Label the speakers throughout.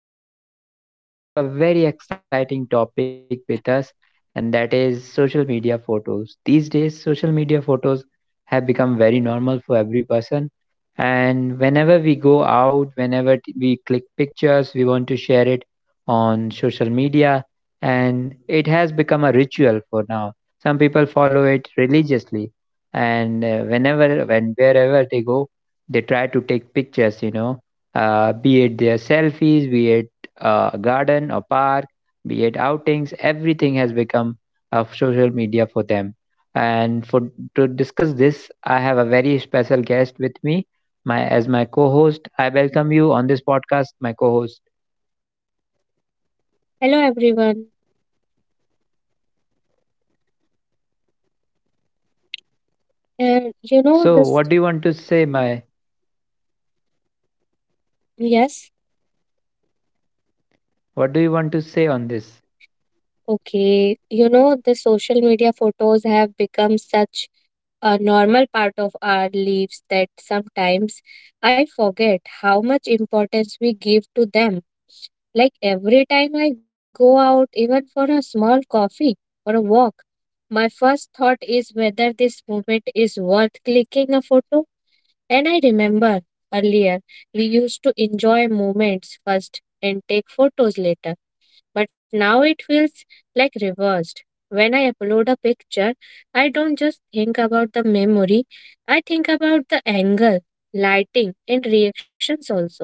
Speaker 1: and I'm your host. And today we have a very exciting topic with us, and that is social media photos. These days, social media photos have become very normal for every person. And whenever we go out, we click pictures, we want to share it on social media. And it has become a ritual for now. Some people follow it religiously. And whenever and wherever they go, they try to take pictures, be it their selfies, be it a garden or park, be it outings. Everything has become a social media for them. And for to discuss this, I have a very special guest with me, my, as my co-host. I welcome you on this podcast, my co-host.
Speaker 2: Hello everyone. And you know
Speaker 1: So
Speaker 2: this
Speaker 1: what do you want to say, my,
Speaker 2: yes,
Speaker 1: what do you want to say on this?
Speaker 2: okay. You know the social media photos have become such a normal part of our lives that sometimes I forget how much importance we give to them. Like every time I go out even for a small coffee or a walk, my first thought is whether this moment is worth clicking a photo. And I remember earlier we used to enjoy moments first and take photos later, but now it feels like reversed. When I upload a picture, I don't just think about the memory, I think about the angle, lighting, and reactions also.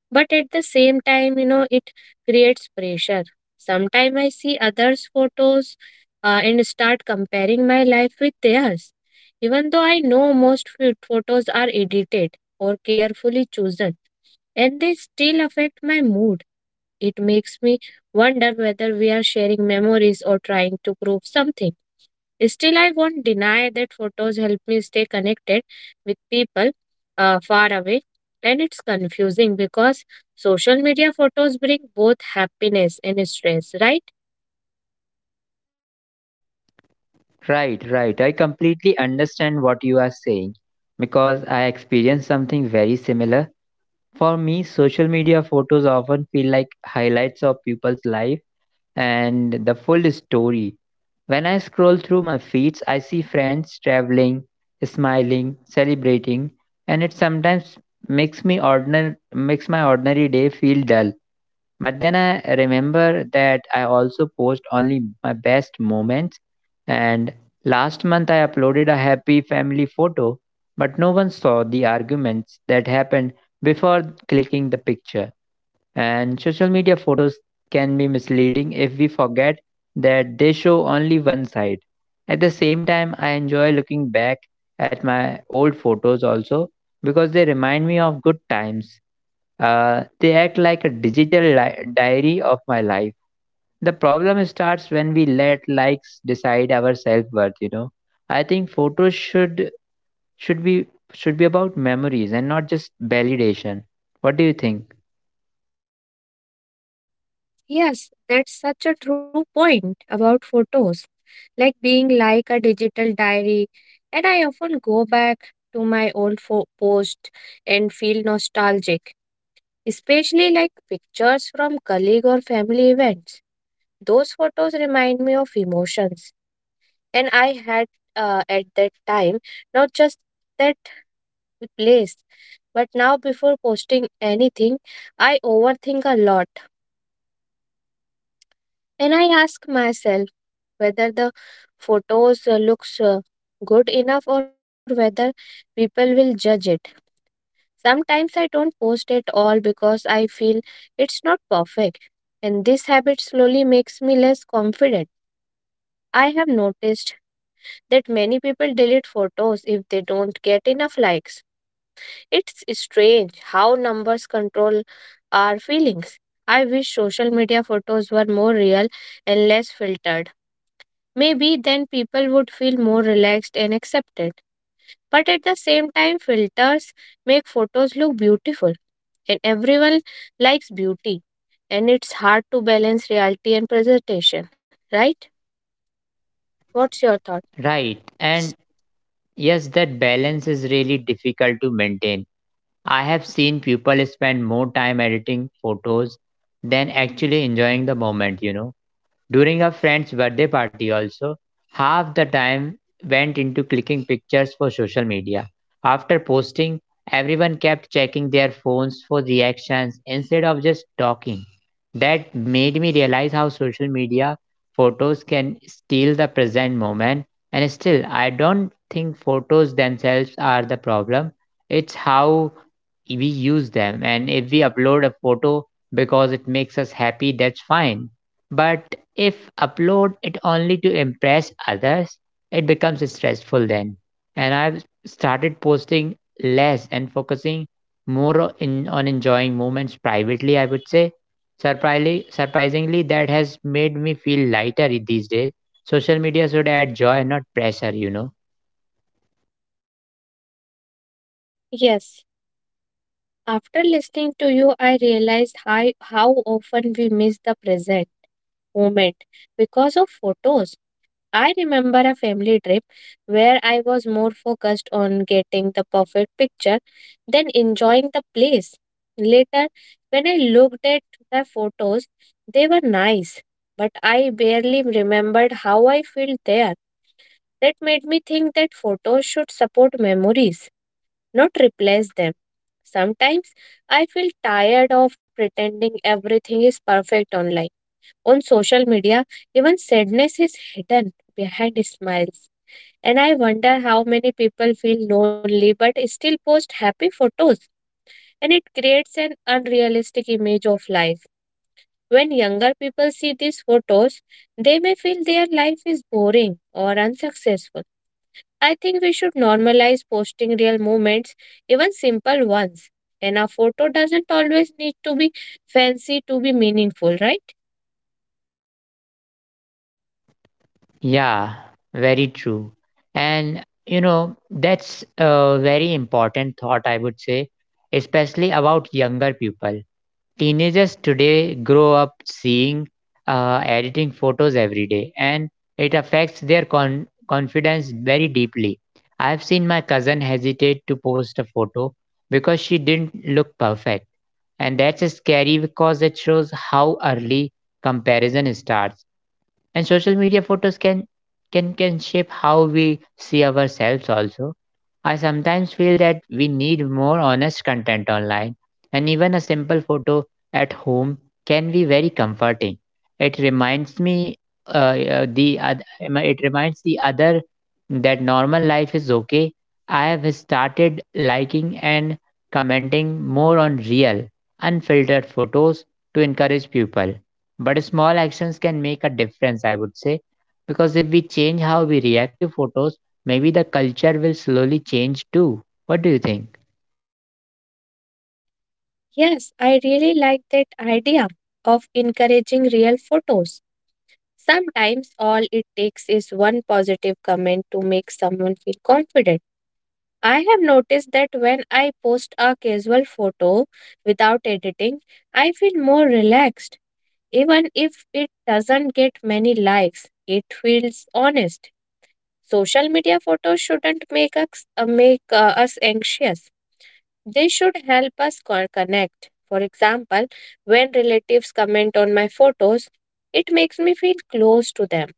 Speaker 2: But at the same time, you know, it creates pressure. Sometimes I see others' photos and start comparing my life with theirs. Even though I know most photos are edited or carefully chosen, and they still affect my mood. It makes me wonder whether we are sharing memories or trying to prove something. Still, I won't deny that photos help me stay connected with people far away. And it's confusing because social media photos bring both happiness and stress, right?
Speaker 1: Right, right, I completely understand what you are saying because I experienced something very similar. For me, social media photos often feel like highlights of people's life and the full story. When I scroll through my feeds, I see friends traveling, smiling, celebrating, and it sometimes makes my ordinary day feel dull. But then I remember that I also post only my best moments. And last month I uploaded a happy family photo, but no one saw the arguments that happened before clicking the picture. And social media photos can be misleading if we forget that they show only one side. At the same time, I enjoy looking back at my old photos also because they remind me of good times. They act like a digital diary of my life. The problem starts when we let likes decide our self worth. You know, I think photos should should be should be about memories and not just validation. What do you think?
Speaker 2: Yes, that's such a true point about photos, like being like a digital diary. And I often go back to my old post and feel nostalgic, especially like pictures from colleague or family events. Those photos remind me of emotions. And I had, at that time, not just that place. But now before posting anything, I overthink a lot. And I ask myself whether the photos looks good enough or whether people will judge it. Sometimes I don't post at all because I feel it's not perfect. And this habit slowly makes me less confident. I have noticed that many people delete photos if they don't get enough likes. It's strange how numbers control our feelings. I wish social media photos were more real and less filtered. Maybe then people would feel more relaxed and accepted. But at the same time, filters make photos look beautiful, and everyone likes beauty. And it's hard to balance reality and presentation, right? What's your thought?
Speaker 1: Right. And yes, that balance is really difficult to maintain. I have seen people spend more time editing photos than actually enjoying the moment, you know. During a friend's birthday party, also, half the time went into clicking pictures for social media. After posting, everyone kept checking their phones for reactions instead of just talking. That made me realize how social media photos can steal the present moment. And still, I don't think photos themselves are the problem. It's how we use them. And if we upload a photo because it makes us happy, that's fine. But if upload it only to impress others, it becomes stressful then. And I've started posting less and focusing more on enjoying moments privately, I would say. Surprisingly, that has made me feel lighter these days. Social media should add joy, not pressure, you know.
Speaker 2: Yes. After listening to you, I realized how often we miss the present moment because of photos. I remember a family trip where I was more focused on getting the perfect picture than enjoying the place. Later, when I looked at the photos, they were nice, but I barely remembered how I felt there. That made me think that photos should support memories, not replace them. Sometimes I feel tired of pretending everything is perfect online on social media, even sadness is hidden behind smiles. And I wonder how many people feel lonely but still post happy photos, and it creates an unrealistic image of life. When younger people see these photos, they may feel their life is boring or unsuccessful. I think we should normalize posting real moments, even simple ones. And a photo doesn't always need to be fancy to be meaningful, right?
Speaker 1: Yeah, very true. And, you know, that's a very important thought, I would say, especially about younger people. Teenagers today grow up seeing editing photos every day, and it affects their confidence very deeply. I've seen my cousin hesitate to post a photo because she didn't look perfect, and that's scary because it shows how early comparison starts. And social media photos can shape how we see ourselves also. I sometimes feel that we need more honest content online, and even a simple photo at home can be very comforting. It reminds me, it reminds the other that normal life is okay. I have started liking and commenting more on real, unfiltered photos to encourage people. But small actions can make a difference, I would say, because if we change how we react to photos, maybe the culture will slowly change too. What do you think?
Speaker 2: Yes, I really like that idea of encouraging real photos. Sometimes all it takes is one positive comment to make someone feel confident. I have noticed that when I post a casual photo without editing, I feel more relaxed. Even if it doesn't get many likes, it feels honest. Social media photos shouldn't make us anxious. They should help us connect. For example, when relatives comment on my photos, it makes me feel close to them,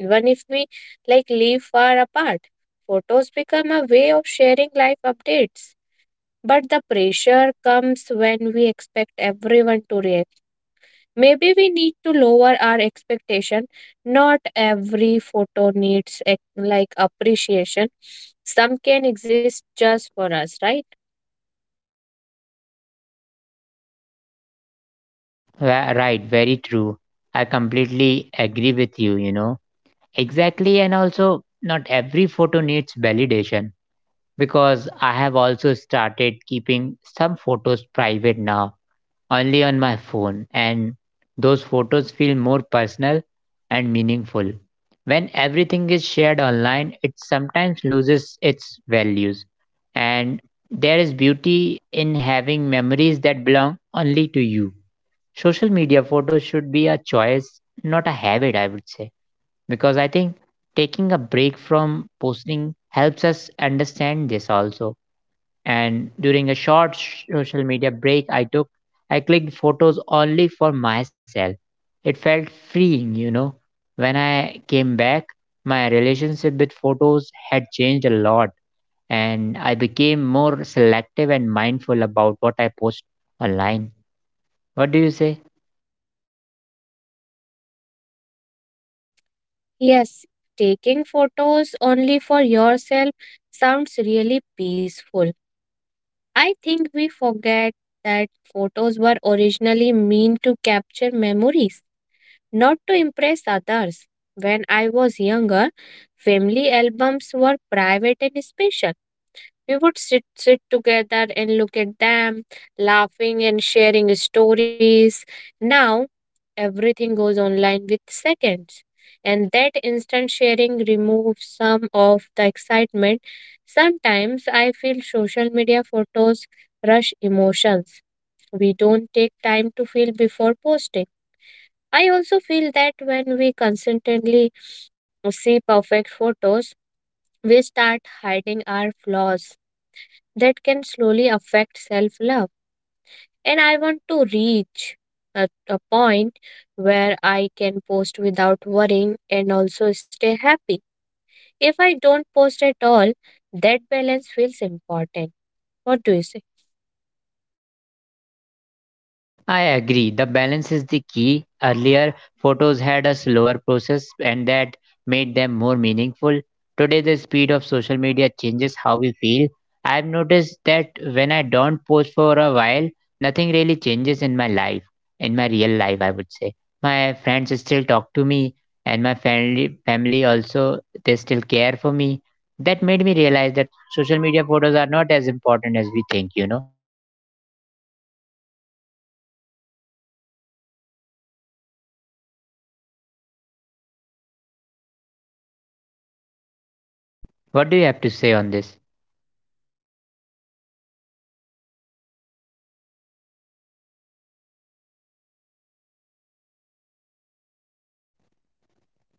Speaker 2: even if we like live far apart. Photos become a way of sharing life updates. But the pressure comes when we expect everyone to react. Maybe we need to lower our expectation. Not every photo needs like appreciation. Some can exist just for us, right?
Speaker 1: Right, very true. I completely agree with you, you know. Exactly, and also not every photo needs validation because I have also started keeping some photos private now only on my phone, and those photos feel more personal and meaningful. When everything is shared online, it sometimes loses its values, and there is beauty in having memories that belong only to you. Social media photos should be a choice, not a habit, I would say, because I think taking a break from posting helps us understand this also. And during a social media break I took, I clicked photos only for myself. It felt freeing, you know. When I came back, my relationship with photos had changed a lot, and I became more selective and mindful about what I post online. What do you say?
Speaker 2: Yes, taking photos only for yourself sounds really peaceful. I think we forget that photos were originally meant to capture memories, not to impress others. When I was younger, family albums were private and special. We would sit together and look at them, laughing and sharing stories. Now everything goes online with seconds. And that instant sharing removes some of the excitement. Sometimes I feel social media photos rush emotions. We don't take time to feel before posting. I also feel that when we consistently see perfect photos, we start hiding our flaws that can slowly affect self love. And I want to reach at a point where I can post without worrying and also stay happy. If I don't post at all, that balance feels important. What do you say?
Speaker 1: I agree. The balance is the key. Earlier, photos had a slower process and that made them more meaningful. Today, the speed of social media changes how we feel. I've noticed that when I don't post for a while, nothing really changes in my life, in my real life, I would say. My friends still talk to me, and my family also, they still care for me. That made me realize that social media photos are not as important as we think, you know. What do you have to say on this?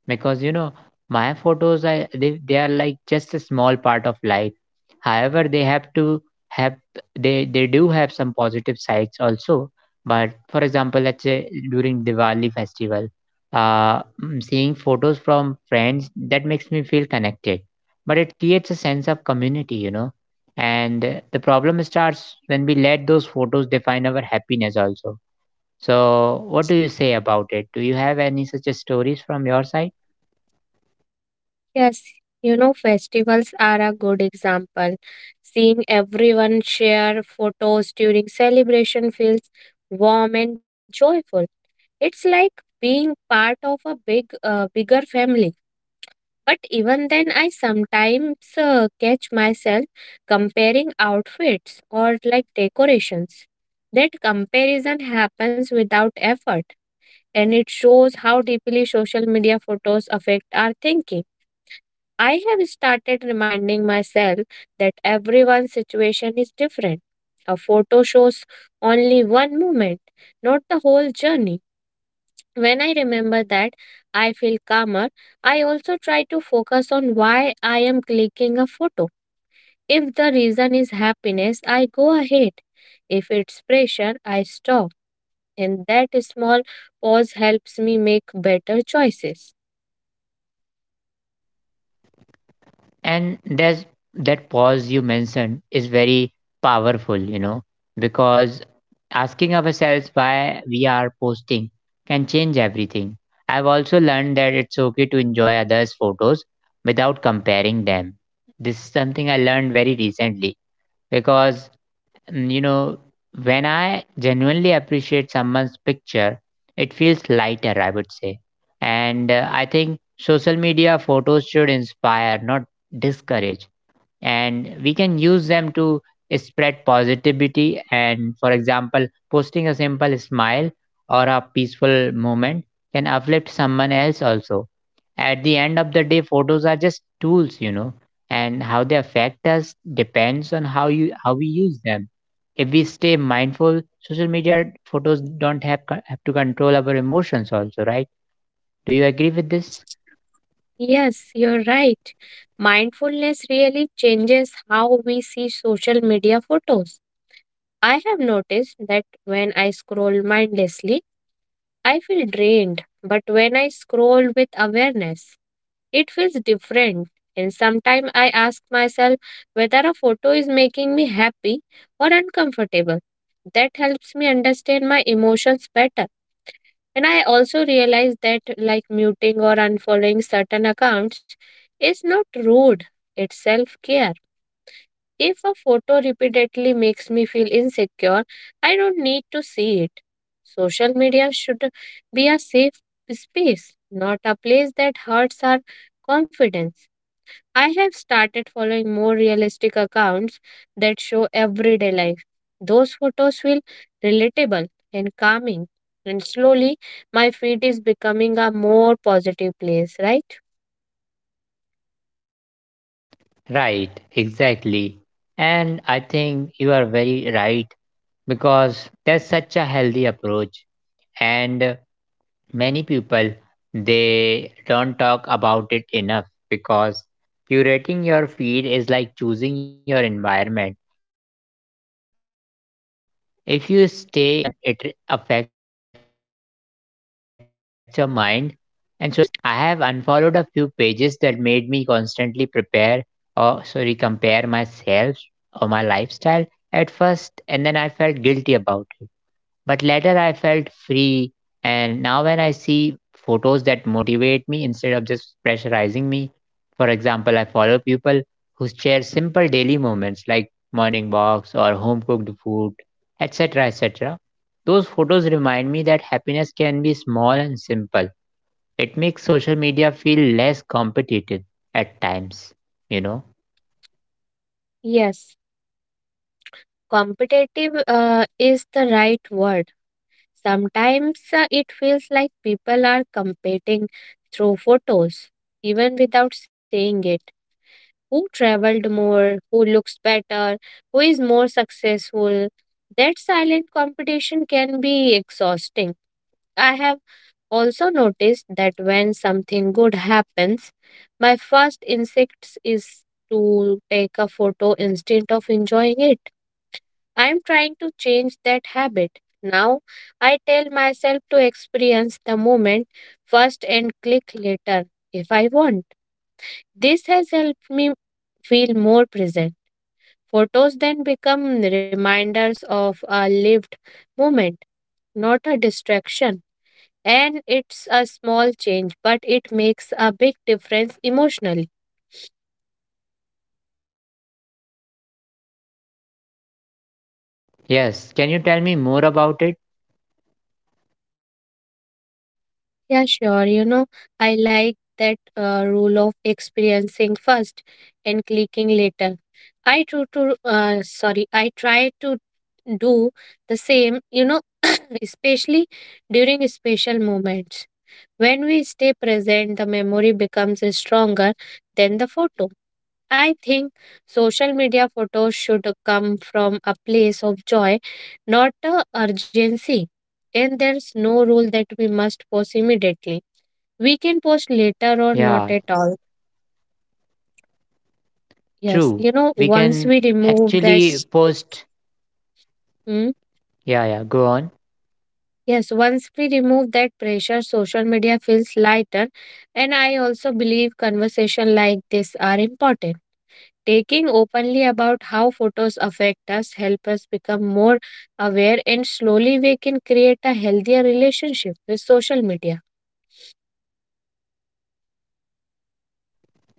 Speaker 1: Because you know my photos I, they are like just a small part of life. However, they have to have, they do have some positive sides also. But for example, let's say during Diwali festival, seeing photos from friends, that makes me feel connected, but it creates a sense of community, you know. And the problem starts when we let those photos define our happiness also. So what do you say about it? Do you have any such a stories from your side?
Speaker 2: Yes, you know, festivals are a good example. Seeing everyone share photos during celebration feels warm and joyful. It's like being part of a bigger family. But even then, I sometimes catch myself comparing outfits or like decorations. That comparison happens without effort and it shows how deeply social media photos affect our thinking. I have started reminding myself that everyone's situation is different. A photo shows only one moment, not the whole journey. When I remember that, I feel calmer. I also try to focus on why I am clicking a photo. If the reason is happiness, I go ahead. If it's pressure, I stop. And that small pause helps me make better choices.
Speaker 1: And there's that pause you mentioned is very powerful, you know, because asking ourselves why we are posting can change everything. I've also learned that it's okay to enjoy others photos without comparing them. This is something I learned very recently because you know, when I genuinely appreciate someone's picture, it feels lighter, I would say. And I think social media photos should inspire, not discourage, and we can use them to spread positivity. And for example, posting a simple smile or a peaceful moment can uplift someone else also. At the end of the day, photos are just tools, you know, and how they affect us depends on how we use them. If we stay mindful, social media photos don't have, co- have to control our emotions also, right? Do you agree with this?
Speaker 2: Yes, you're right. Mindfulness really changes how we see social media photos. I have noticed that when I scroll mindlessly, I feel drained. But when I scroll with awareness, it feels different, and sometimes I ask myself whether a photo is making me happy or uncomfortable. That helps me understand my emotions better. And I also realize that, like muting or unfollowing certain accounts, is not rude, it's self care. If a photo repeatedly makes me feel insecure, I don't need to see it. Social media should be a safe space, not a place that hurts our confidence. I have started following more realistic accounts that show everyday life. Those photos feel relatable and calming, and slowly my feed is becoming a more positive place, right?
Speaker 1: Right, exactly. And I think you are very right because that's such a healthy approach. And many people, they don't talk about it enough because curating your feed is like choosing your environment. If you stay in a negative environment, it affects your mind, and social media photos work the same way. I have unfollowed a few pages that made me constantly prepare, or sorry, compare myself or my lifestyle at first, and then I felt guilty about it. But later I felt free, and now when I see photos that motivate me instead of just pressurizing me, for example, I follow people who share simple daily moments like morning walks or home cooked food, etc. etc. Those photos remind me that happiness can be small and simple. It makes social media feel less competitive at times, you know.
Speaker 2: Yes, competitive is the right word. Sometimes it feels like people are competing through photos, even without saying it. Who traveled more, who looks better, who is more successful. That silent competition can be exhausting. I have also noticed that when something good happens, my first instinct is to take a photo instead of enjoying it. I am trying to change that habit. Now I tell myself to experience the moment first and click later if I want. This has helped me feel more present. Photos then become reminders of a lived moment, not a distraction. And it's a small change, but it makes a big difference emotionally.
Speaker 1: Yes, can you tell me more about it?
Speaker 2: Yeah, sure. You know, I like that rule of experiencing first and clicking later. I try to do the same, you know, especially during special moments. When we stay present, the memory becomes stronger than the photo. I think social media photos should come from a place of joy, not a urgency. And there's no rule that we must post immediately. We can post later or not
Speaker 1: Yeah,
Speaker 2: at all. Yes,
Speaker 1: true.
Speaker 2: you know,
Speaker 1: We
Speaker 2: once
Speaker 1: can
Speaker 2: we remove that,
Speaker 1: actually post.
Speaker 2: Hmm,
Speaker 1: Yeah, yeah, go on.
Speaker 2: yes, once we remove that pressure, social media feels lighter. And I also believe conversation like this are important. Taking openly about how photos affect us help us become more aware and slowly we can create a healthier relationship with social media.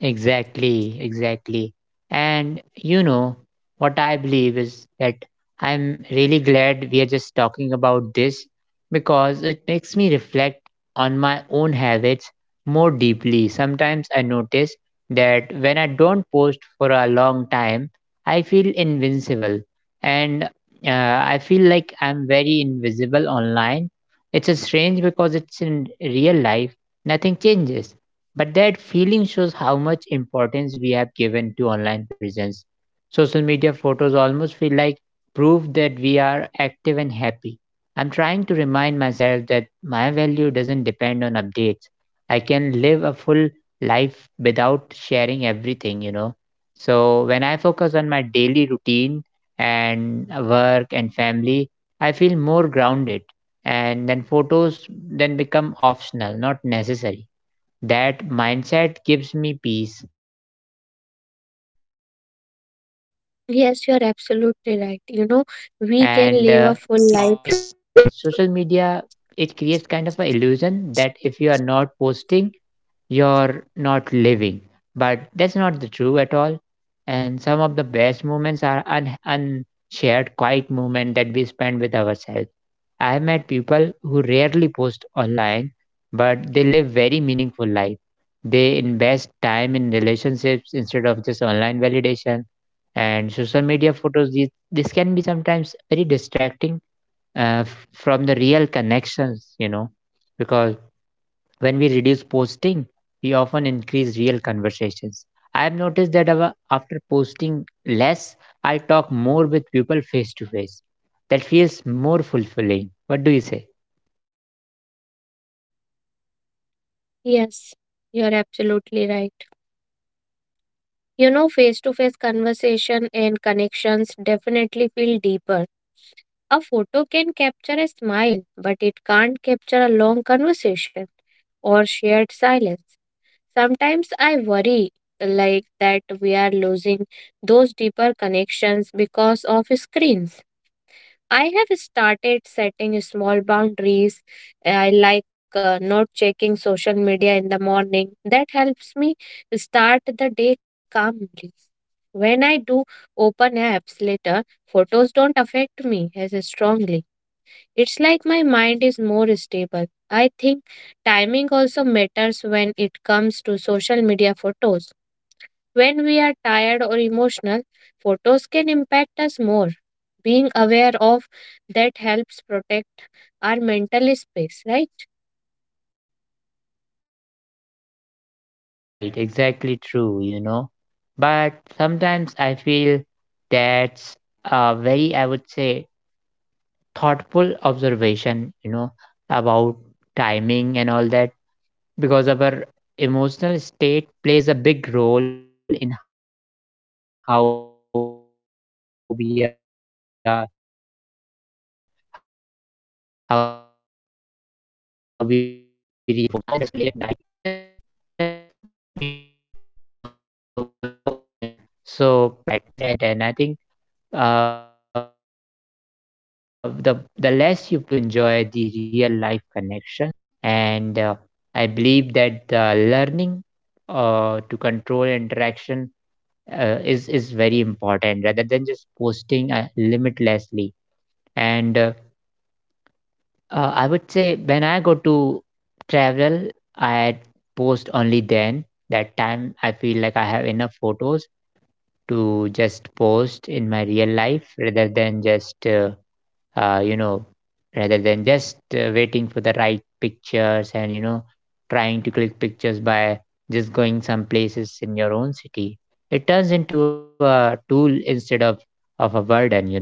Speaker 1: Exactly, exactly. And you know, what I believe is that I'm really glad we are just talking about this because it makes me reflect on my own habits more deeply. Sometimes I notice that when I don't post for a long time, I feel invincible and I feel like I'm very invisible online. It's a strange because it's in real life, nothing changes. But that feeling shows how much importance we have given to online presence. Social media photos almost feel like proof that we are active and happy. I'm trying to remind myself that my value doesn't depend on updates. I can live a full life without sharing everything, you know. So when I focus on my daily routine and work and family, I feel more grounded. And then photos then become optional, not necessary. That mindset gives me peace, and that feeling of
Speaker 2: Yes,
Speaker 1: invisibility
Speaker 2: you're
Speaker 1: is very
Speaker 2: absolutely right.
Speaker 1: common,
Speaker 2: You know,
Speaker 1: though,
Speaker 2: we can
Speaker 1: and many
Speaker 2: live a
Speaker 1: people
Speaker 2: full
Speaker 1: don't
Speaker 2: life.
Speaker 1: admit it. Social media, it creates kind of an illusion that if you are not posting, you're not living, but that's not the true at all. And some of the best moments are unshared, quiet moment that we spend with ourselves. I met people who rarely post online, but they live very meaningful life. They invest time in relationships instead of just online validation. And social media photos, these, this can be sometimes very distracting from the real connections, you know, because when we reduce posting, we often increase real conversations. I've noticed that our, after posting less, I talk more with people face to face. That feels more fulfilling. What do you say?
Speaker 2: Yes, you're absolutely right. You know, face to face conversation and connections definitely feel deeper. A photo can capture a smile, but it can't capture a long conversation or shared silence. Sometimes I worry like that we are losing those deeper connections because of screens. I have started setting small boundaries. I like not checking social media in the morning. That helps me start the day calmly. When I do open apps later, photos don't affect me as strongly. It's like my mind is more stable. I think timing also matters when it comes to social media photos. When we are tired or emotional, photos can impact us more. Being aware of that helps protect our mental space, right?
Speaker 1: Right, exactly true, But sometimes I feel that's a very, I would say, thoughtful observation, about timing and all that, because our emotional state plays a big role in how we are, how we react to photos. I've also noticed that scrolling late at nights, it just kind of makes me, feel overthink. So I always try to but they can inspire us at any moment. And I think the less you post, the more you enjoy the real life connections. And I believe that the learning to control interaction is very important rather than just posting limitlessly. And I would say when I go to travel, I post only then. That time I feel like I have enough photos to just post in my real life rather than just you know rather than just waiting for the right pictures, and you know, trying to click pictures by just going some places in your own city. It turns into a tool instead of a burden,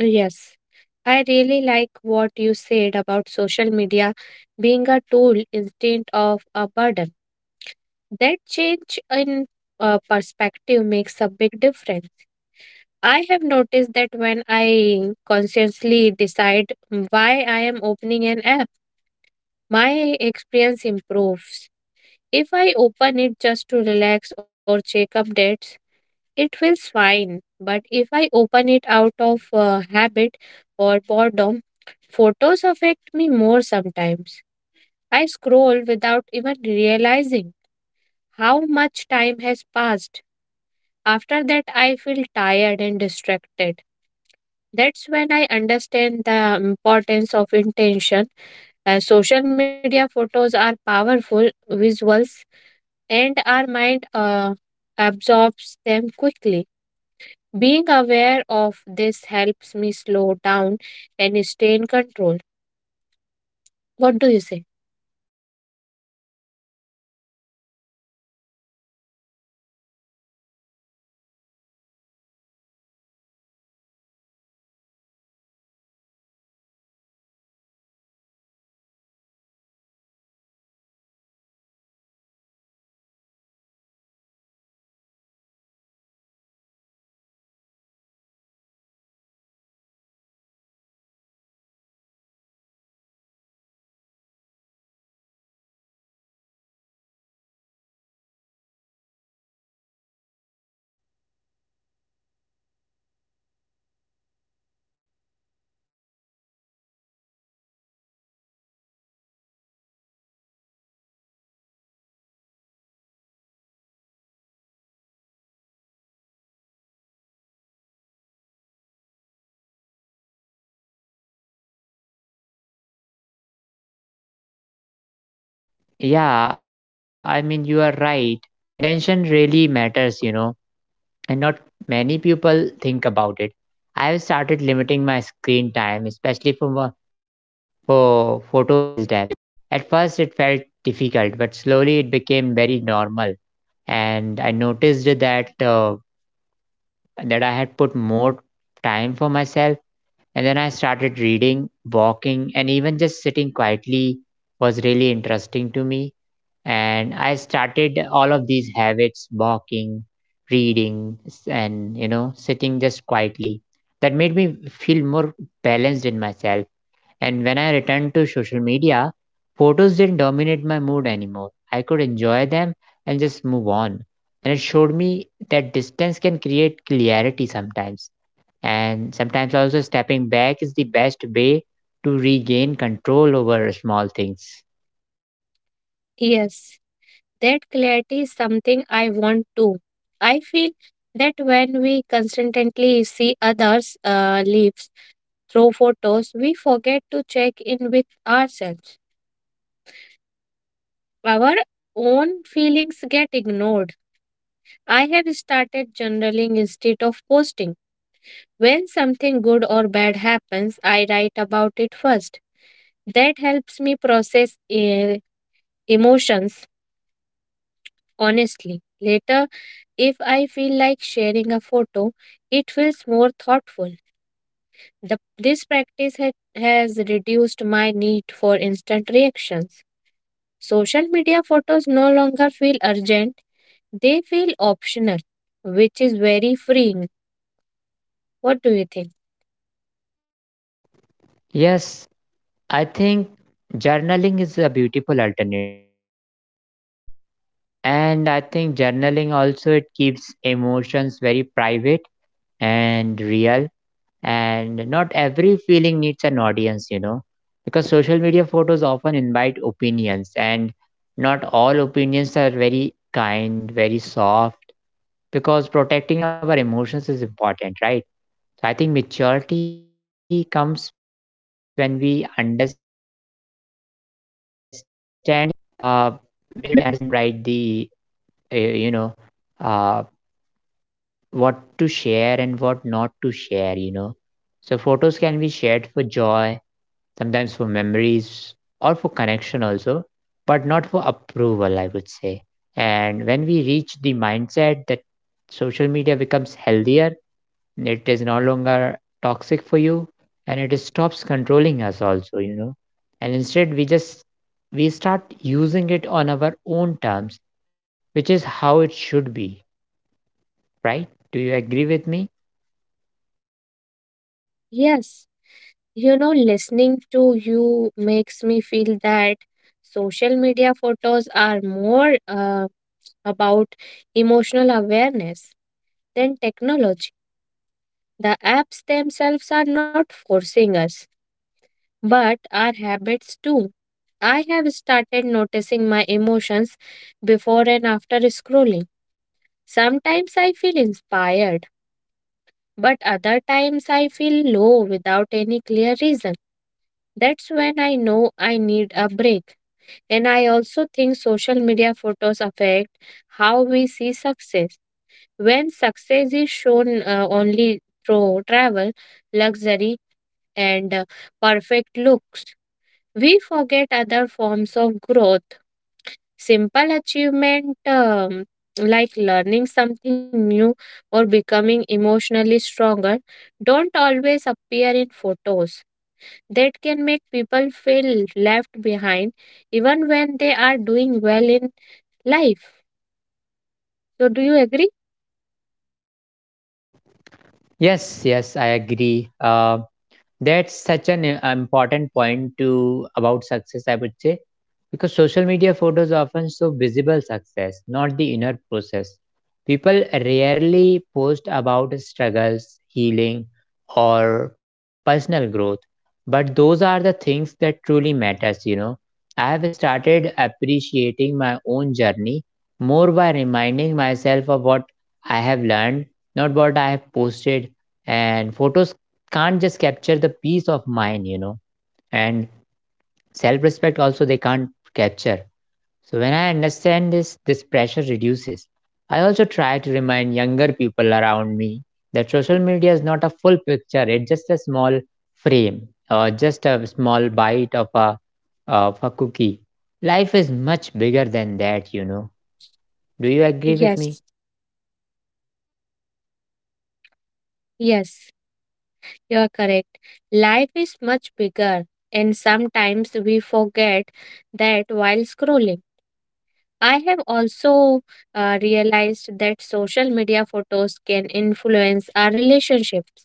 Speaker 2: Yes. I really like what you said about social media being a tool instead of a burden. That change in perspective makes a big difference. I have noticed that when I consciously decide why I am opening an app, my experience improves. If I open it just to relax or check updates, it feels fine. But if I open it out of habit or boredom, photos affect me more sometimes. I scroll without even realizing how much time has passed. After that, I feel tired and distracted. That's when I understand the importance of intention. Social media photos are powerful visuals and our mind absorbs them quickly. Being aware of this helps me slow down and stay in control. What do you say?
Speaker 1: yeah, I mean you are right, intention really matters, and not many people think about it. I have started limiting my screen time, especially for for photo based apps. You know, at first it felt difficult, but slowly it became very normal, and I noticed that that I had put more time for myself. And then I started reading, walking, and even just sitting quietly was really interesting to me. And I started all of these habits: walking, reading, and you know, sitting just quietly. That made me feel more balanced in myself, and when I returned to social media, photos didn't dominate my mood anymore. I could enjoy them and just move on, and it showed me that distance can create clarity sometimes. And sometimes also stepping back is the best way to regain control over small things.
Speaker 2: Yes, that clarity is something I want too. I feel that when we constantly see others' lives through photos, we forget to check in with ourselves Our Own feelings get ignored. I have started journaling instead of posting. When something good or bad happens, I write about it first. That helps me process emotions honestly. Later, if I feel like sharing a photo, it feels more thoughtful. This practice has reduced my need for instant reactions. Social media photos no longer feel urgent. They feel optional, which is very freeing. What do you think?
Speaker 1: Yes, I think journaling is a beautiful alternative. And I think journaling also, it keeps emotions very private and real, and not every feeling needs an audience, you know. Because social media photos often invite opinions, and not all opinions are very kind, very soft, because protecting our emotions is important, right? So I think maturity comes when we understand uh, mm, it when we understand right the uh, you know uh, what to share and what not to share, you know. So photos can be shared for joy, sometimes for memories, or for connection also, but not for approval, I would say. And when we reach the mindset that, social media becomes healthier. It is no longer toxic for you, and it stops controlling us also, you know. And instead we start using it on our own terms, which is how it should be, right? Do you agree with me?
Speaker 2: Yes, you know, listening to you makes me feel that social media photos are more about emotional awareness than technology. The apps themselves are not forcing us, but our habits do. I have started noticing my emotions before and after scrolling. Sometimes I feel inspired. But other times I feel low without any clear reason. That's when I know I need a break. And I also think social media photos affect how we see success. When success is shown only through travel, luxury, and perfect looks, we forget other forms of growth. Simple achievement like learning something new or becoming emotionally stronger don't always appear in photos. That can make people feel left behind even when they are doing well in life. So, do you agree?
Speaker 1: Yes, yes, I agree. That's such an important point to about success, I would say, because social media photos often show visible success, not the inner process. People rarely post about struggles, healing, or personal growth, but those are the things that truly matters, you know. I have started appreciating my own journey more by reminding myself of what I have learned, not what I have posted. And photos can't just capture the peace of mind, you know, and self-respect also they can't capture. So when I understand this pressure reduces. I also try to remind younger people around me that social media is not a full picture. It's just a small frame, or just a small bite of a cookie. Life is much bigger than that, you know. Do you agree with me?
Speaker 2: Yes. Yes, you are correct. Life is much bigger, and sometimes we forget that while scrolling. I have also realized that social media photos can influence our relationships.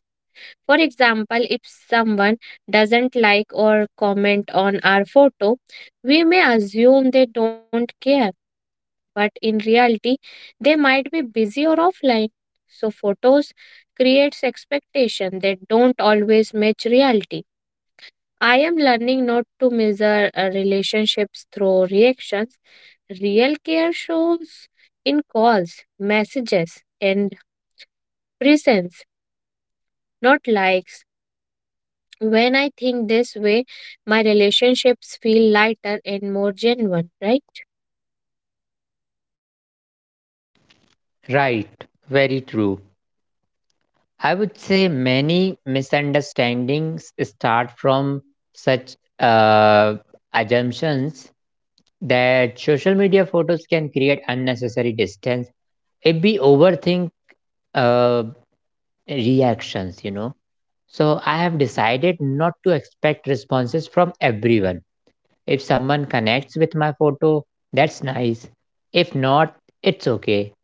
Speaker 2: For example, if someone doesn't like or comment on our photo, we may assume they don't care, but in reality, they might be busy or offline. So photos creates expectation that don't always match reality. I am learning not to measure relationships through reactions. Real care shows in calls, messages, and presence, not likes. When I think this way, my relationships feel lighter and more genuine, right?
Speaker 1: Right, very true. I would say many misunderstandings start from such assumptions that social media photos can create unnecessary distance if we overthink uh, reactions, you know. So I have decided not to expect responses from everyone. If someone connects with my photo, that's nice. If not, it's okay.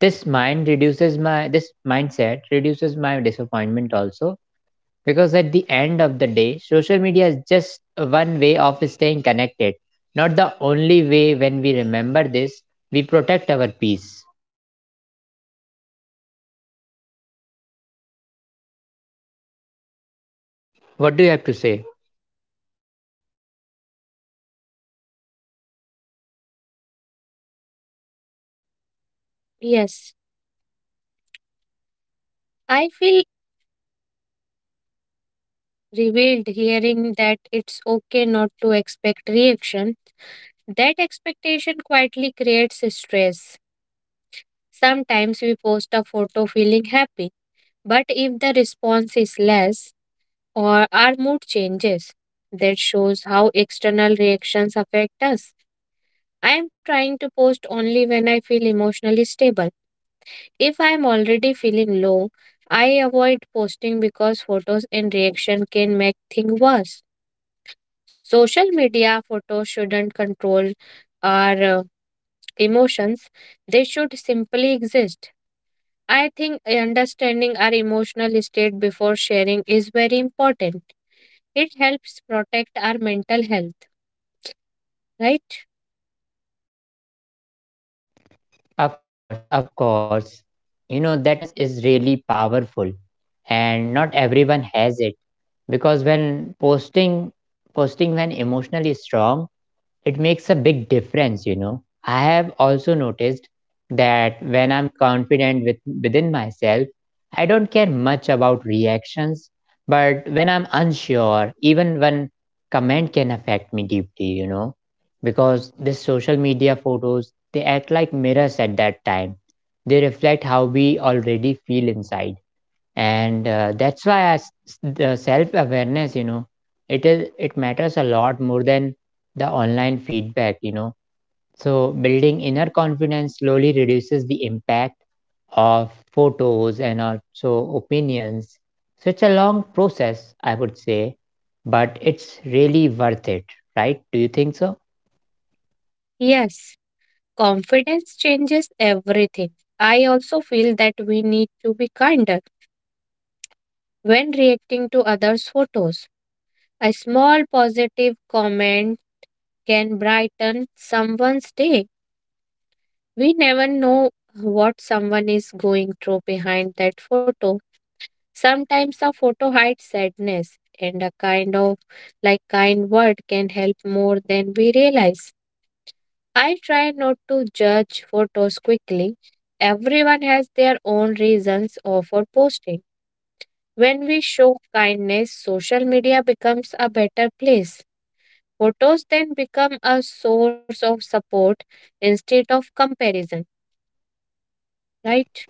Speaker 1: This mindset reduces my disappointment also, because at the end of the day, social media is just one way of staying connected, not the only way. When we remember this, we protect our peace. What do you have to say?
Speaker 2: Yes. I feel revealed hearing that it's okay not to expect reaction. That expectation quietly creates stress. Sometimes we post a photo feeling happy. But if the response is less or our mood changes, that shows how external reactions affect us. I am trying to post only when I feel emotionally stable. If I am already feeling low, I avoid posting because photos and reaction can make things worse. Social media photos shouldn't control our emotions, they should simply exist. I think understanding our emotional state before sharing is very important. It helps protect our mental health, right?
Speaker 1: Of course, of course. You know, that awareness is really powerful, and not everyone has it, because when posting posting when emotionally strong, it makes a big difference, you know. I have also noticed that when I'm confident within myself, I don't care much about reactions, but when I'm unsure, even one comment can affect me deeply, you know, because this social media photos, they act like mirrors at that time. They reflect how we already feel inside, and that's why I s the self awareness, you know, it matters a lot more than the online feedback, you know. So building inner confidence slowly reduces the impact of photos and also opinions. So it's a long process, I would say, but it's really worth it, right? Do you think so?
Speaker 2: Yes, confidence changes everything. I also feel that we need to be kinder when reacting to others' photos. A small positive comment can brighten someone's day. We never know what someone is going through behind that photo. Sometimes a photo hides sadness, and a kind of like kind word can help more than we realize. I try not to judge photos quickly. Everyone has their own reasons or for posting. When we show kindness, social media becomes a better place. Photos then become a source of support instead of comparison, right?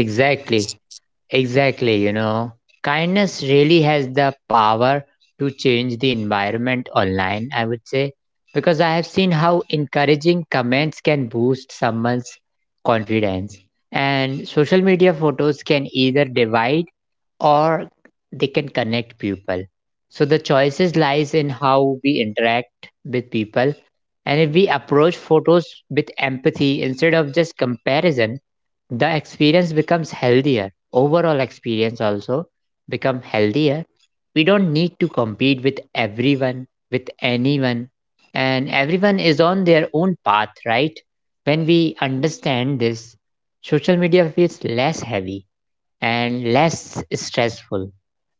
Speaker 1: Exactly. Exactly, you know, kindness really has the power to change the environment online, I would say, because I have seen how encouraging comments can boost someone's confidence. And social media photos can either divide, or they can connect people. So the choices lies in how we interact with people. And if we approach photos with empathy instead of just comparison, the experience becomes healthier. Overall experience also become healthier We don't need to compete with everyone, with anyone, and everyone is on their own path, right? When we understand this, social media feels less heavy and less stressful.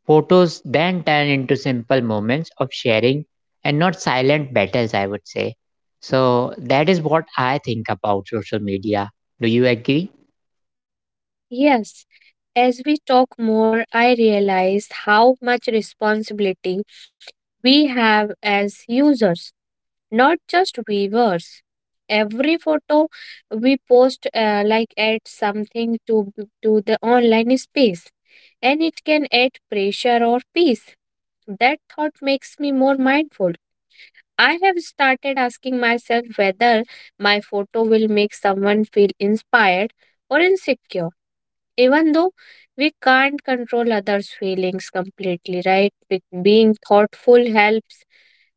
Speaker 1: Photos then turn into simple moments of sharing, and not silent battles, I would say. So that is what I think about social media. Do you agree?
Speaker 2: Yes. As we talk more, I realize how much responsibility we have as users, not just viewers. Every photo we post like adds something to the online space, and it can add pressure or peace. That thought makes me more mindful. I have started asking myself whether my photo will make someone feel inspired or insecure, even though we can't control others' feelings completely, right? Being thoughtful helps.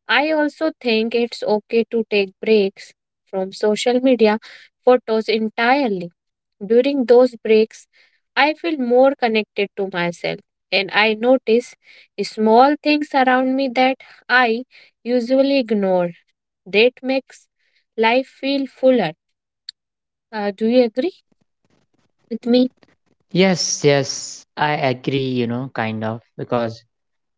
Speaker 2: I also think it's okay to take breaks from social media photos entirely. During those breaks, I feel more connected to myself and I notice small things around me that I usually ignore. That makes life feel fuller. Do you agree with me?
Speaker 1: Yes, yes, I agree, you know, kind of, because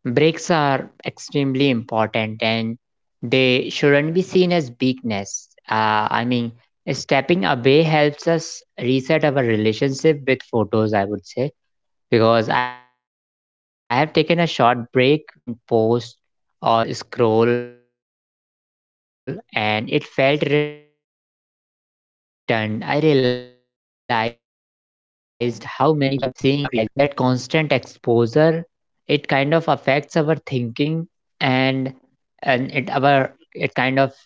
Speaker 1: breaks are extremely important, and they shouldn't be seen as weakness. I mean, stepping away helps us reset our relationship with photos, I would say, because I have taken a short break where I didn't post or scroll, and it felt refreshing. When I returned, I realized how many photos I've been seeing daily without realizing it, you know. That constant exposure, it kind of affects our thinking, and and it kind of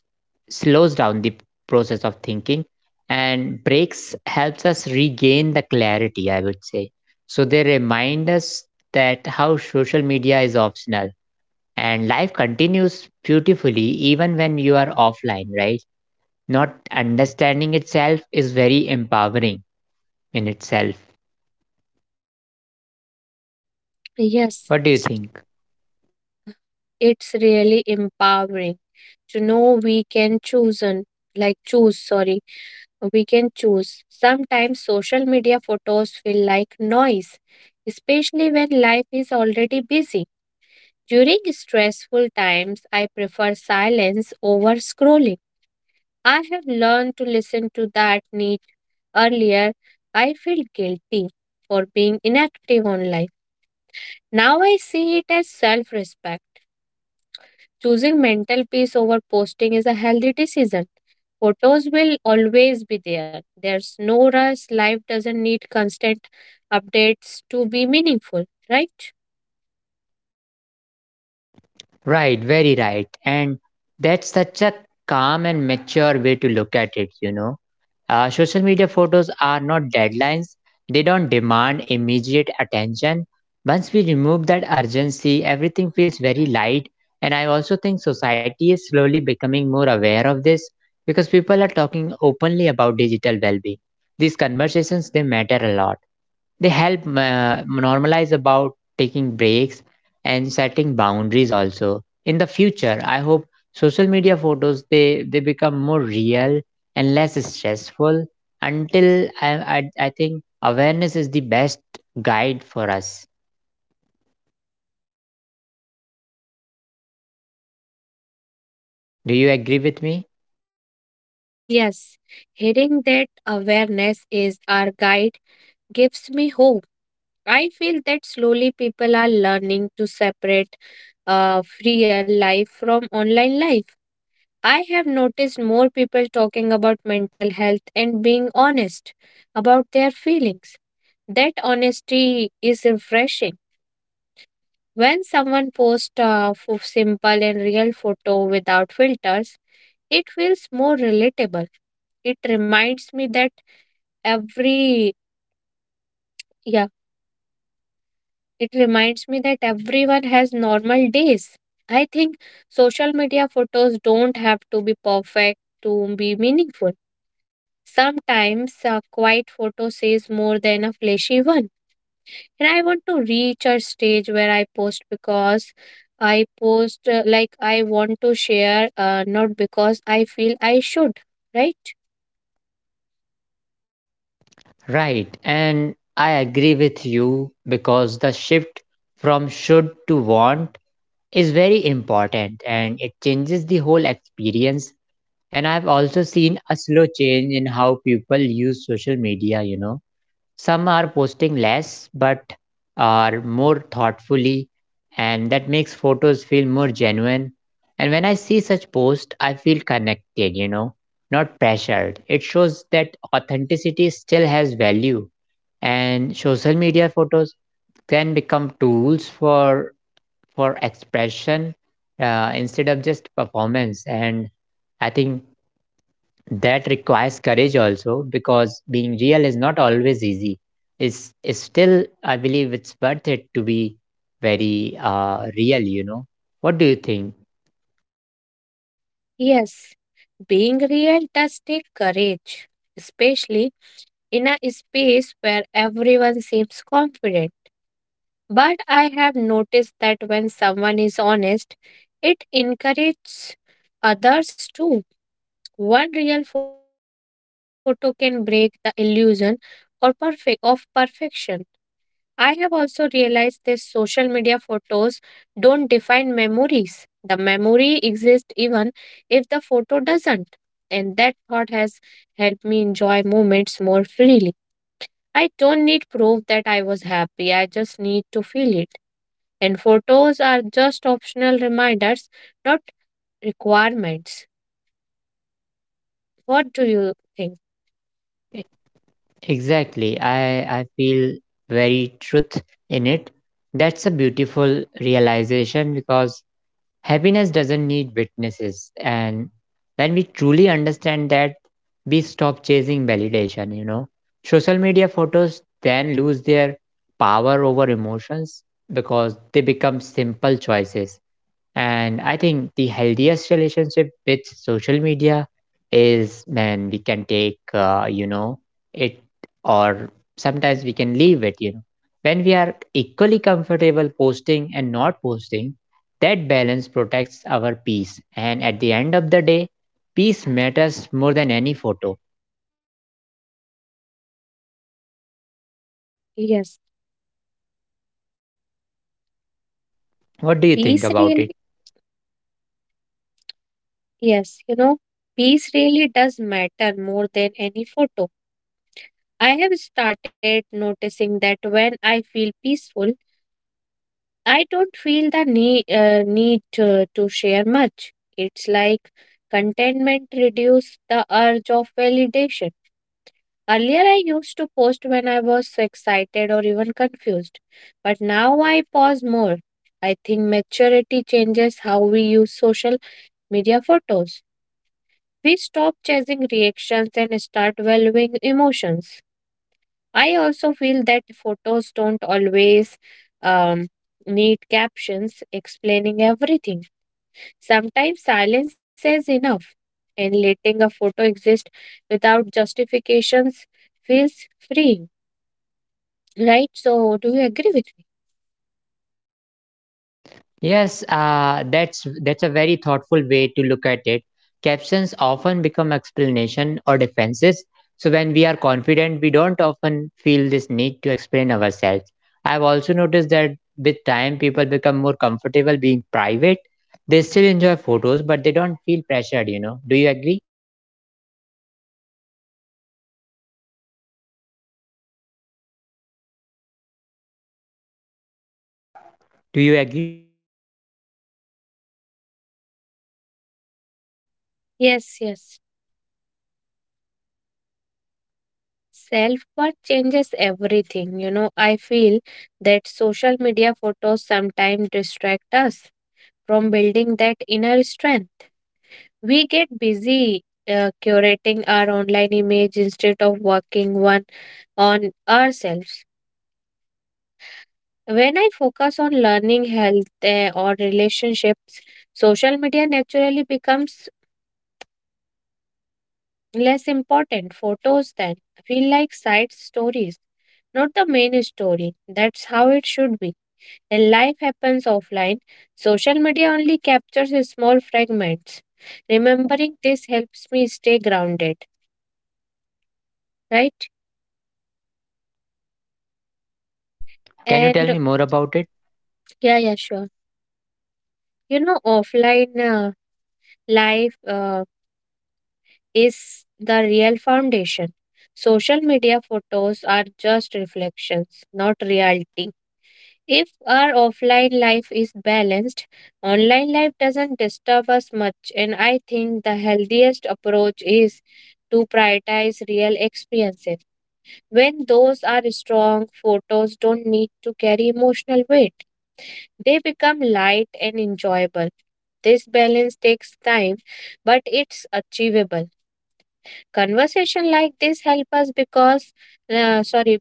Speaker 1: slows down the process of thinking. And breaks helps us regain the clarity, I would say. So they remind us that how social media is optional, and life continues beautifully even when you are offline, right? Not understanding itself is very empowering in itself.
Speaker 2: Yes.
Speaker 1: What do you think?
Speaker 2: It's really empowering to know we can choose and like choose, sorry we can choose. Sometimes social media photos feel like noise, especially when life is already busy. During stressful times, I prefer silence over scrolling. I have learned to listen to that need earlier. I feel guilty for being inactive online. Now I see it as self respect. Choosing mental peace over posting is a healthy decision. Photos will always be there. There's no rush. Life doesn't need constant updates to be meaningful, right?
Speaker 1: Right, very right. And that's such a calm and mature way to look at it, you know. Social media photos are not deadlines, they don't demand immediate attention. Once we remove that urgency, everything feels very light. And I also think society is slowly becoming more aware of this, because people are talking openly about digital well being. These conversations, they matter a lot. They help normalize about taking breaks and setting boundaries also. In the future, I hope social media photos they become more real and less stressful. Until I think awareness is the best guide for us. Do you agree with me?
Speaker 2: Yes, hearing that awareness is our guide gives me hope. I feel that slowly people are learning to separate real life from online life. I have noticed more people talking about mental health and being honest about their feelings. That honesty is refreshing. When someone posts a simple and real photo without filters, it feels more relatable. It reminds me that every yeah, it reminds me that everyone has normal days. I think social media photos don't have to be perfect to be meaningful. Sometimes a quiet photo says more than a flashy one. And I want to reach a stage where I i post like I want to share, not because I feel I should, right?
Speaker 1: Right. And I agree with you because the shift from should to want is very important, and it changes the whole experience. And I've also seen a slow change in how people use social media, you know. Some are posting less but are more thoughtfully, and that makes photos feel more genuine. And when I see such posts, I feel connected, you know, not pressured. It shows that authenticity still has value, and social media photos can become tools for expression, instead of just performance. And I think that requires courage also, because being real is not always easy. Is Still, I believe it's worth it to be very real, you know. What do you think?
Speaker 2: Yes, being real does take courage, especially in a space where everyone seems confident. But I have noticed that when someone is honest, it encourages others too. One real photo can break the illusion or perfect of perfection. I have also realized that social media photos don't define memories. The memory exists even if the photo doesn't. And that thought has helped me enjoy moments more freely. I don't need proof that I was happy, I just need to feel it. And photos are just optional reminders, not requirements. What do you think?
Speaker 1: E- exactly, I feel very truth in it. That's a beautiful realization, because happiness doesn't need witnesses, and when we truly understand that, we stop chasing validation, you know. Social media photos then lose their power over emotions, because they become simple choices. And I think the healthiest relationship with social media is when we can take, it, or sometimes we can leave it, you know. When we are equally comfortable posting and not posting, that balance protects our peace. And at the end of the day, peace matters more than any photo.
Speaker 2: Yes,
Speaker 1: What do you
Speaker 2: peace
Speaker 1: think about
Speaker 2: really,
Speaker 1: it?
Speaker 2: yes, you know, peace really does matter more than any photo. I have started noticing that when I feel peaceful, I don't feel the need to share much. It's like contentment reduces the urge of validation. Earlier, I used to post when I was excited or even confused, but now I pause more. I think maturity changes how we use social media photos. We stop chasing reactions and start valuing emotions. I also feel that photos don't always um, need captions explaining everything. Sometimes silence is enough, and letting a photo exist without justifications feels free, right? So, do you agree with me?
Speaker 1: Yes, that's a very thoughtful way to look at it. Captions often become explanation or defenses. So when we are confident, we don't often feel this need to explain ourselves. I've also noticed that with time, people become more comfortable being private. They still enjoy photos, but they don't feel pressured. You know? Do you agree? Do you agree?
Speaker 2: Yes, yes. Self worth changes everything. You know, I feel that social media photos sometimes distract us from building that inner strength. We get busy curating our online image instead of working one on ourselves. When I focus on learning, health, or relationships, social media naturally becomes less important. Photos then feel like side stories, not the main story. That's how it should be. And life happens offline. Social media only captures small fragments. Remembering this helps me stay grounded, right?
Speaker 1: Can you tell
Speaker 2: And
Speaker 1: me more about it?
Speaker 2: yeah, yeah, sure. You know, offline life is the real foundation. Social media photos are just reflections, not reality. If our offline life is balanced, online life doesn't disturb us much, and I think the healthiest approach is to prioritize real experiences. When those are strong, photos don't need to carry emotional weight. They become light and enjoyable. This balance takes time, but it's achievable. Conversation like this help us because, uh, sorry,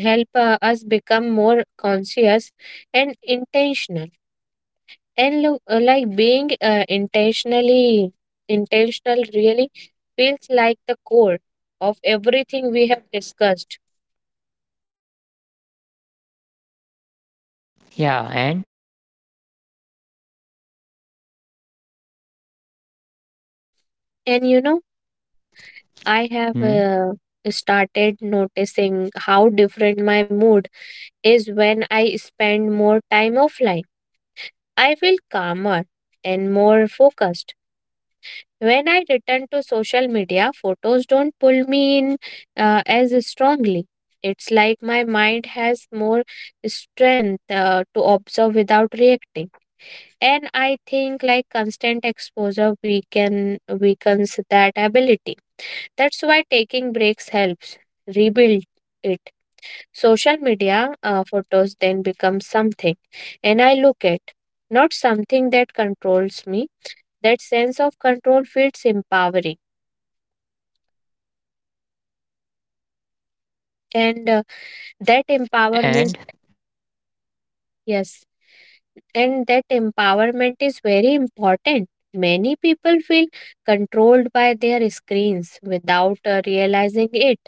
Speaker 2: help us become more conscious and intentional. And look, like being intentionally intentional really feels like the core of everything we have discussed.
Speaker 1: Yeah. And
Speaker 2: And you know, I
Speaker 1: hmm?
Speaker 2: have started noticing how different my mood is when I spend more time offline. I feel calmer and more focused. When I return to social media, photos don't pull me in as strongly. It's like my mind has more strength to observe without reacting. And I think like constant exposure weakens that ability. That's why taking breaks helps rebuild it. Social media photos then become something, and I look at not something that controls me. That sense of control feels empowering, and that empowerment,
Speaker 1: And
Speaker 2: yes, and that empowerment is very important. Many people feel controlled by their screens without realizing it.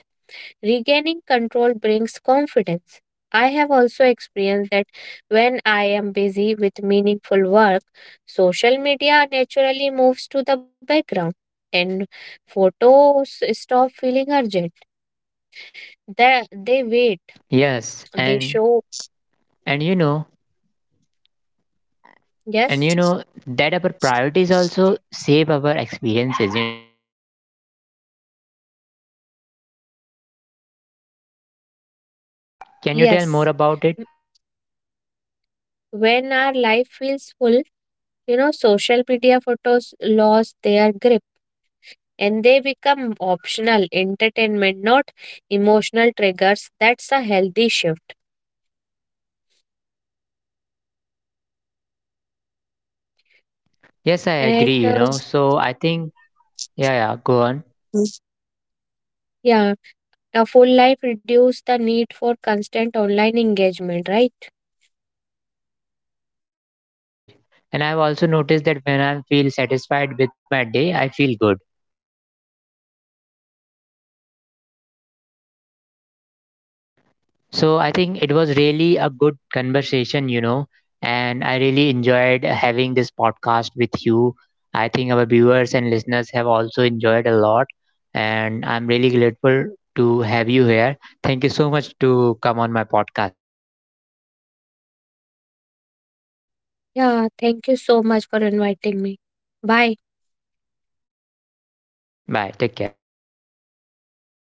Speaker 2: Regaining control brings confidence. I have also experienced that when I am busy with meaningful work, social media naturally moves to the background and photos stop feeling urgent. They wait,
Speaker 1: yes,
Speaker 2: they show,
Speaker 1: and you know. And you
Speaker 2: yes,
Speaker 1: know that our priorities also shape our experiences, you know. Can you tell more
Speaker 2: yes.
Speaker 1: about it?
Speaker 2: When our life feels full, you know, social media photos lose their grip and they become optional entertainment, not emotional triggers. That's a healthy shift.
Speaker 1: Yes, I agree,
Speaker 2: And
Speaker 1: you know. So I think yeah, yeah, go on.
Speaker 2: mm, yeah, a full life reduce the need for constant online engagement, right?
Speaker 1: Right, right. And I've also noticed that when I feel satisfied with my day, I feel good. So I think it was really a good conversation, you know, and I really enjoyed having this podcast with you. I think our viewers and listeners have also enjoyed a lot, and I'm really grateful to have you here. Thank you so much to come on my podcast.
Speaker 2: Yeah, thank you so much for inviting me. Bye.
Speaker 1: Bye. Take care.